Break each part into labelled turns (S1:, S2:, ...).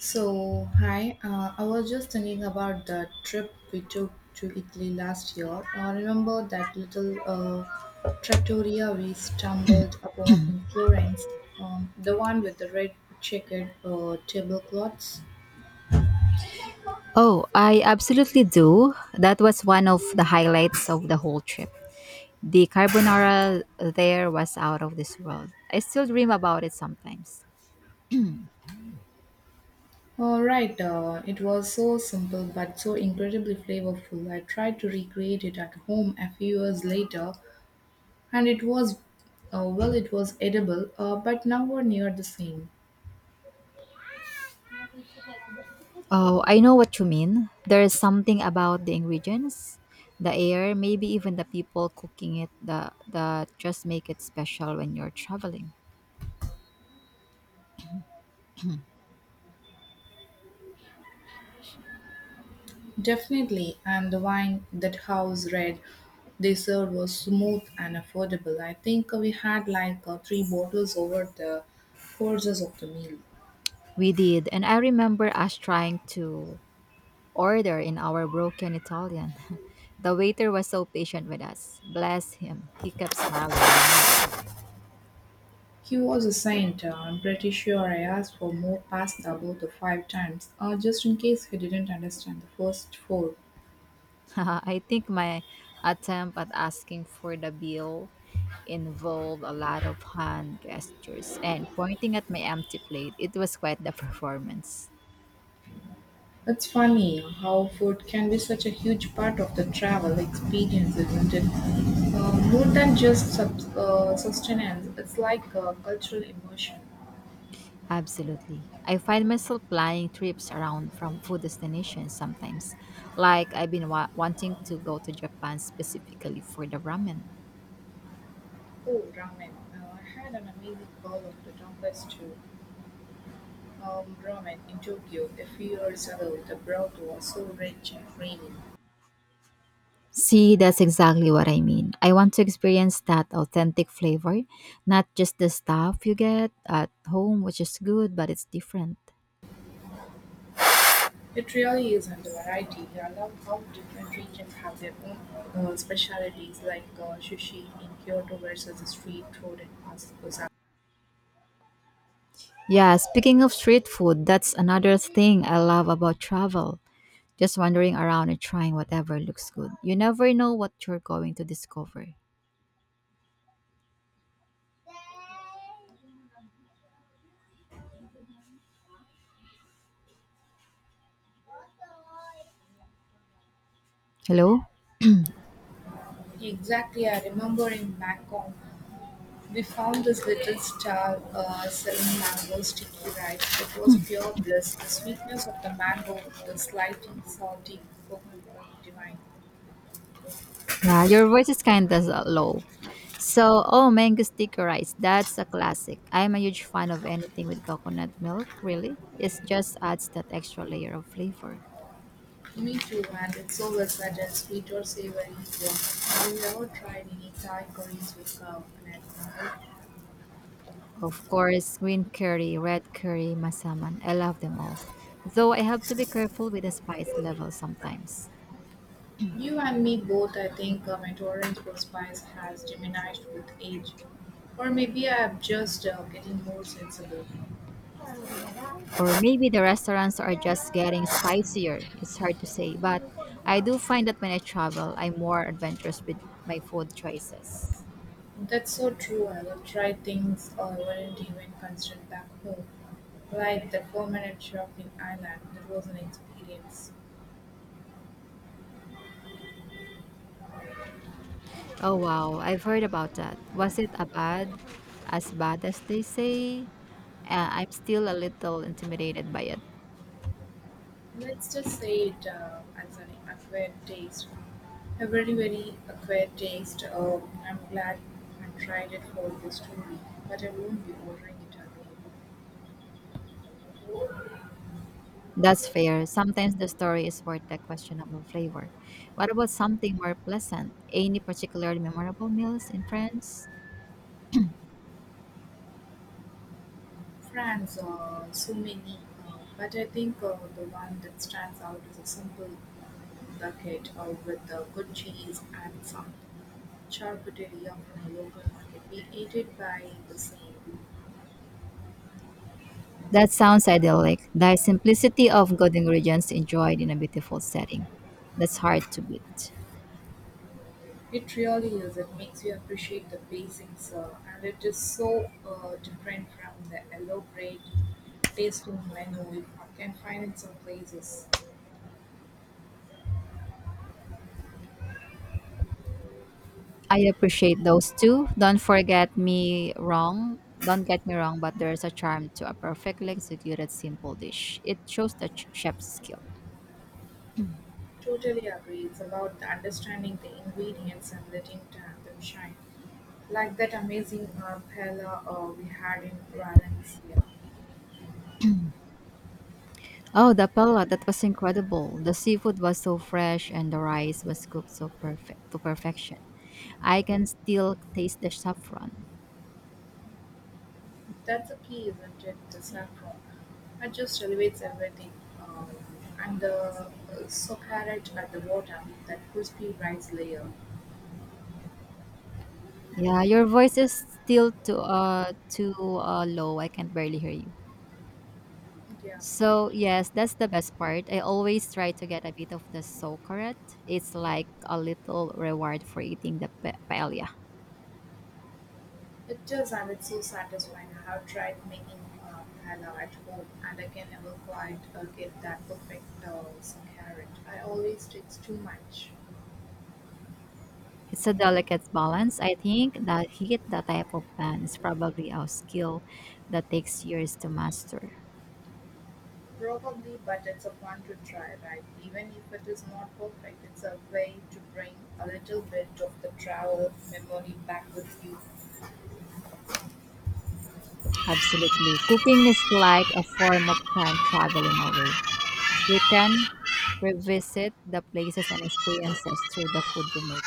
S1: So, hi, I was just thinking about the trip we took to Italy last year. I remember that little trattoria we stumbled upon in Florence, the one with the red checkered tablecloths.
S2: Oh, I absolutely do. That was one of the highlights of the whole trip. The carbonara there was out of this world. I still dream about it sometimes.
S1: All right, it was so simple but so incredibly flavorful. I tried to recreate it at home a few years later, and it was, it was edible, but nowhere near the same.
S2: Oh, I know what you mean. There is something about the ingredients, the air, maybe even the people cooking it that just make it special when you're traveling.
S1: Definitely, and the wine, that house red they served, was smooth and affordable. I think we had, like, three bottles over the courses of the meal.
S2: We did, and I remember us trying to order in our broken Italian. The waiter was so patient with us. Bless him. He kept smiling and nodding.
S1: He was a saint. I'm pretty sure I asked for more pasta about the five times, just in case he didn't understand the first four.
S2: I think my attempt at asking for the bill involved a lot of hand gestures and pointing at my empty plate. It was quite the performance.
S1: It's funny how food can be such a huge part of the travel experience, isn't it? More than just sustenance, it's like a cultural immersion.
S2: Absolutely. I find myself planning trips around from food destinations sometimes. Like I've been wanting to go to Japan specifically for the ramen.
S1: Oh, ramen. I had an amazing bowl of the donkai stew ramen in Tokyo a few years ago. The broth was so rich and creamy.
S2: See, that's exactly what I mean. I want to experience that authentic flavor, not just the stuff you get at home, which is good, but it's different.
S1: It really is, and the variety. I love how different regions have their own specialities, like sushi in Kyoto versus the street food in Osaka.
S2: Yeah, speaking of street food, that's another thing I love about travel. Just wandering around and trying whatever looks good. You never know what you're going to discover. Hello?
S1: Exactly, I remember in Bangkok we found this little stall selling mango sticky rice. It was pure bliss. The sweetness of the mango, the slight and salty coconut milk, divine.
S2: Yeah, your voice is kind of low. So, oh, mango sticky rice. That's a classic. I'm a huge fan of anything with coconut milk, really. It just adds that extra layer of flavor.
S1: Me too, and it's so versatile, sweet or savory too. Have you ever tried any Thai curries with coconut milk?
S2: Of course, green curry, red curry, masaman. I love them all. Though I have to be careful with the spice level sometimes.
S1: You and me both. I think my tolerance for spice has diminished with age. Or maybe I'm just getting more sensible.
S2: Or maybe the restaurants are just getting spicier. It's hard to say, but I do find that when I travel, I'm more adventurous with my food choices.
S1: That's so true. I would try things I wouldn't even consider back home. Like the permanent minute shop in Ireland, that was an experience.
S2: Oh wow, I've heard about that. Was it a bad as they say? I'm still a little intimidated by it.
S1: Let's just say it as an acquired taste. A very, very acquired taste. I'm glad I tried it for the story, but I won't be ordering it again.
S2: That's fair. Sometimes the story is worth the questionable flavor. What about something more pleasant? Any particularly memorable meals in France?
S1: France, so many. But I think the one that stands out is a simple bucket with good cheese and some charcuterie from a local market. We ate it by the same.
S2: That sounds idyllic. The simplicity of good ingredients enjoyed in a beautiful setting. That's hard to beat.
S1: It really is. It makes you appreciate the basics, and it is so different from the elaborate tasting menu you can find in some places.
S2: I appreciate those too. Don't forget me wrong. Don't get me wrong, but there's a charm to a perfectly executed simple dish. It shows the chef's skill.
S1: Totally agree. It's about the understanding the ingredients and letting them shine. Like that amazing paella we had in Valencia.
S2: Oh, the pala, that was incredible. The seafood was so fresh and the rice was cooked so perfect to perfection. I can still taste the saffron.
S1: That's the key, isn't it? The saffron. It just elevates everything. Um, and the so carrot at the bottom, that crispy rice layer.
S2: Yeah, your voice is still too low. I can barely hear you.
S1: Yeah, yeah.
S2: So yes, that's the best part. I always try to get a bit of the socoret. It's like a little reward for eating the paella.
S1: It is, and it's so satisfying. I have tried making halal at home, and I can never quite get that perfect carrot. I always takes too much.
S2: It's a delicate balance. I think that hit that type of pan is probably a skill that takes years to master.
S1: Probably, but it's a fun to try, right? Even if it is not perfect, it's a way to bring a little bit of the travel memory back with you.
S2: Absolutely. Cooking is like a form of time travel in a way. You can revisit the places and experiences through the food you make.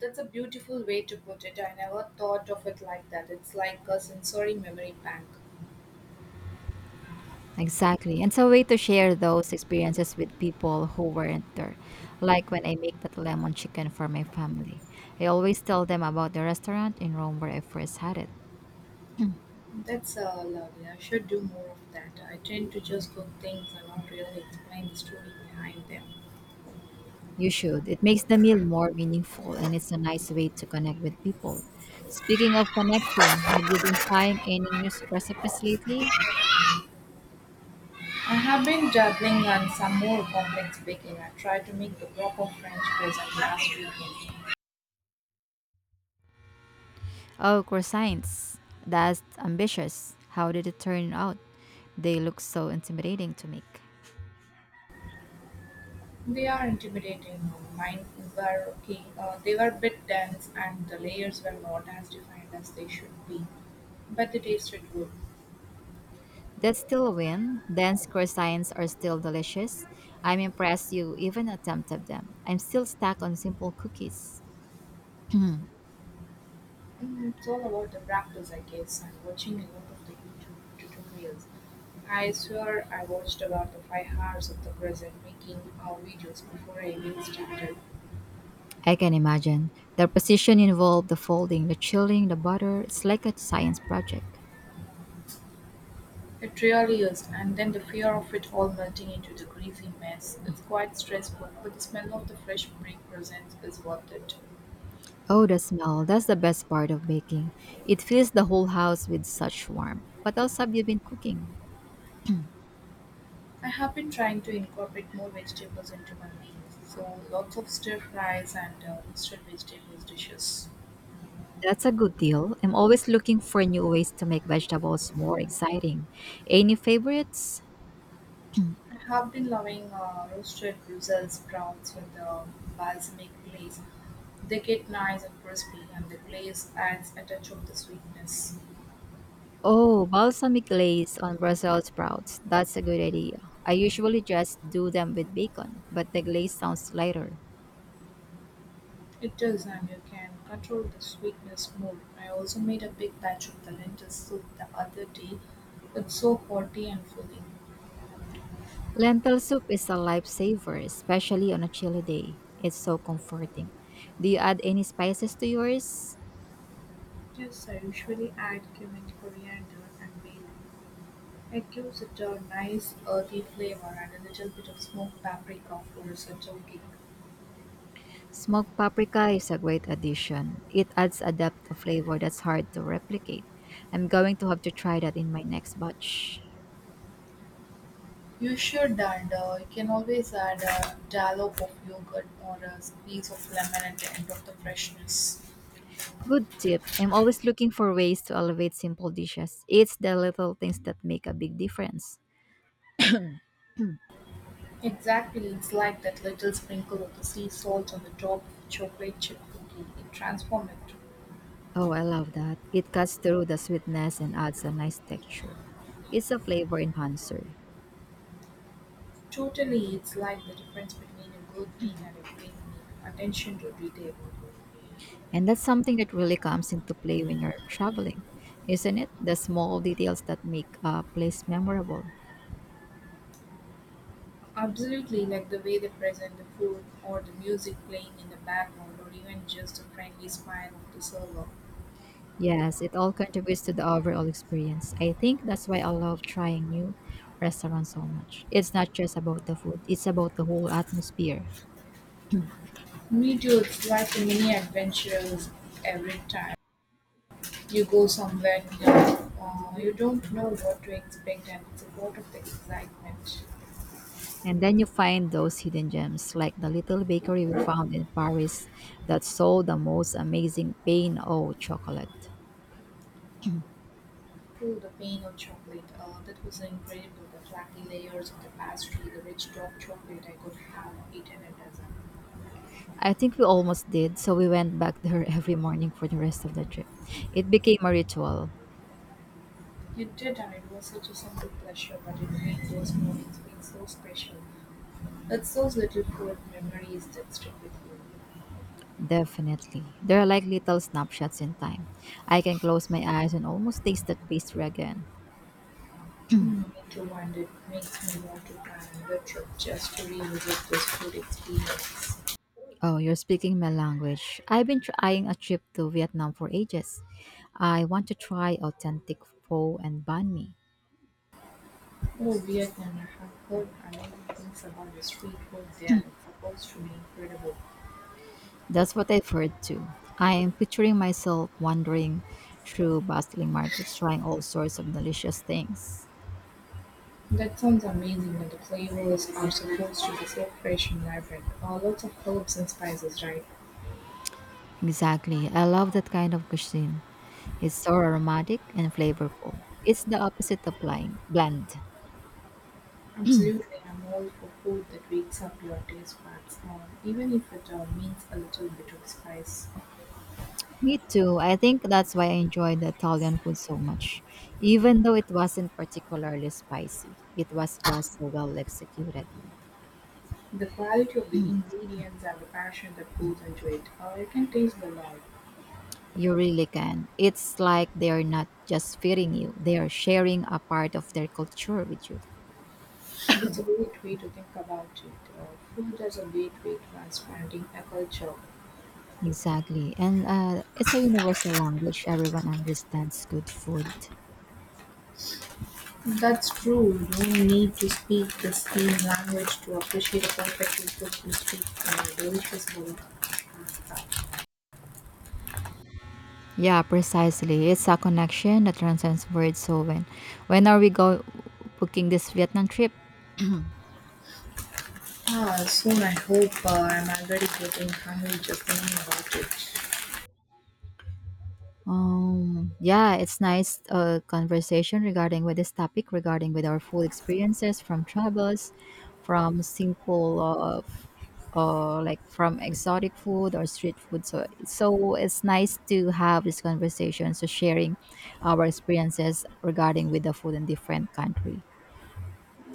S1: That's a beautiful way to put it. I never thought of it like that. It's like a sensory memory bank.
S2: Exactly. And it's a way to share those experiences with people who weren't there. Like when I make that lemon chicken for my family, I always tell them about the restaurant in Rome where I first had it.
S1: That's lovely. I should do more of that. I tend to just cook things and not really explain the story behind them.
S2: You should. It makes the meal more meaningful and it's a nice way to connect with people. Speaking of connecting, have you been trying any new recipes lately?
S1: I have been dabbling on some more complex baking. I tried to make the proper French croissant last weekend.
S2: Oh, croissants. That's ambitious. How did it turn out? They look so intimidating to make.
S1: They are intimidating. Mine were okay. They were a bit dense and the layers were not as defined as they should be, but they tasted good.
S2: That's still a win. Dense croissants are still delicious. I'm impressed you even attempted them. I'm still stuck on simple cookies. Hmm,
S1: Mm, it's all about the practice, I guess. I'm watching a lot of the YouTube tutorials. I swear I watched about the 5 hours of the present making videos before I even started.
S2: I can imagine. The precision involved, the folding, the chilling, the butter. It's like a science project.
S1: It really is, and then the fear of it all melting into the greasy mess. It's quite stressful, but the smell of the fresh baked presents is worth it.
S2: Oh, the smell. That's the best part of baking. It fills the whole house with such warmth. What else have you been cooking?
S1: I have been trying to incorporate more vegetables into my meals, so lots of stir fries and roasted vegetables dishes.
S2: That's a good deal. I'm always looking for new ways to make vegetables more exciting. Any favorites?
S1: I have been loving roasted Brussels sprouts with balsamic glaze. They get nice and crispy, and the glaze adds a touch of the sweetness.
S2: Oh, balsamic glaze on Brussels sprouts. That's a good idea. I usually just do them with bacon, but the glaze sounds lighter.
S1: It does, and you can control the sweetness more. I also made a big batch of the lentil soup the other day. It's so hearty and filling.
S2: Lentil soup is a lifesaver, especially on a chilly day. It's so comforting. Do you add any spices to yours?
S1: Yes, I usually add cumin, coriander, and bay leaf. It gives it a nice earthy flavor and a little bit of smoked paprika for a cake.
S2: Smoked paprika is a great addition. It adds a depth of flavor that's hard to replicate. I'm going to have to try that in my next batch.
S1: You should, and you can always add a dollop of yogurt or a piece of lemon at the end of the freshness.
S2: Good tip. I'm always looking for ways to elevate simple dishes. It's the little things that make a big difference.
S1: Exactly, it's like that little sprinkle of the sea salt on the top of a chocolate chip cookie. It transforms it.
S2: Oh, I love that. It cuts through the sweetness and adds a nice texture. It's a flavor enhancer.
S1: Totally, it's like the difference between a good meal and a great meal. Attention to detail.
S2: And that's something that really comes into play when you're traveling, isn't it? The small details that make a place memorable.
S1: Absolutely, like the way they present the food, or the music playing in the background, or even just the friendly smile of the server.
S2: Yes, it all contributes to the overall experience. I think that's why I love trying new restaurants so much. It's not just about the food, it's about the whole atmosphere.
S1: Me too, it's like a mini adventure every time. You go somewhere new, you don't know what to expect, and it's a lot of excitement.
S2: And then you find those hidden gems, like the little bakery we found in Paris that sold the most amazing pain au chocolate.
S1: True, the pain of chocolate, that was incredible. The flaky layers of the pastry, the rich dark chocolate, I could have eaten a dozen.
S2: I think we almost did, so we went back there every morning for the rest of the trip. It became a ritual.
S1: You did, and it was such a simple pleasure, but it made those mornings feel so special. It's those little food memories that stick with you.
S2: Definitely. They're like little snapshots in time. I can close my eyes and almost taste that pastry again. Oh,
S1: Mm, me too, and it makes me want to plan another trip just to revisit this food experience.
S2: you're speaking my language. I've been trying a trip to Vietnam for ages. I want to try authentic pho and banh mi.
S1: Oh, Vietnam, I have heard amazing things about the street food there. It's supposed to be incredible.
S2: That's what I've heard too. I am picturing myself wandering through bustling markets trying all sorts of delicious things.
S1: That sounds amazing, and the flavors are supposed to be so fresh and vibrant. Lots of herbs and spices, right?
S2: Exactly. I love that kind of cuisine. It's so aromatic and flavorful. It's the opposite of bland.
S1: Absolutely, I'm all for food that wakes up your taste buds, even if it means a little bit of spice.
S2: Me too. I think that's why I enjoyed the Italian food so much. Even though it wasn't particularly spicy, it was just so well executed.
S1: The quality of the ingredients and the passion that goes into it, you can taste the love.
S2: You really can. It's like they're not just feeding you, they are sharing a part of their culture with you.
S1: It's a great way to think about it. Food as a great way to expanding a culture.
S2: Exactly. And it's a universal language. Everyone understands good food.
S1: That's true, you don't need to speak the same language to appreciate a perfect people who speak a delicious bowl.
S2: Yeah, precisely. It's a connection that transcends words. So when are we go booking this Vietnam trip?
S1: Ah, soon I hope. I'm already getting hungry just thinking about
S2: Yeah, it's nice conversation regarding with this topic regarding with our food experiences from travels, from simple like from exotic food or street food. So it's nice to have this conversation. So sharing our experiences regarding with the food in different country.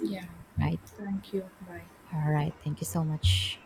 S1: it. Yeah,
S2: Right.
S1: thank you. Bye.
S2: All right. Thank you so much.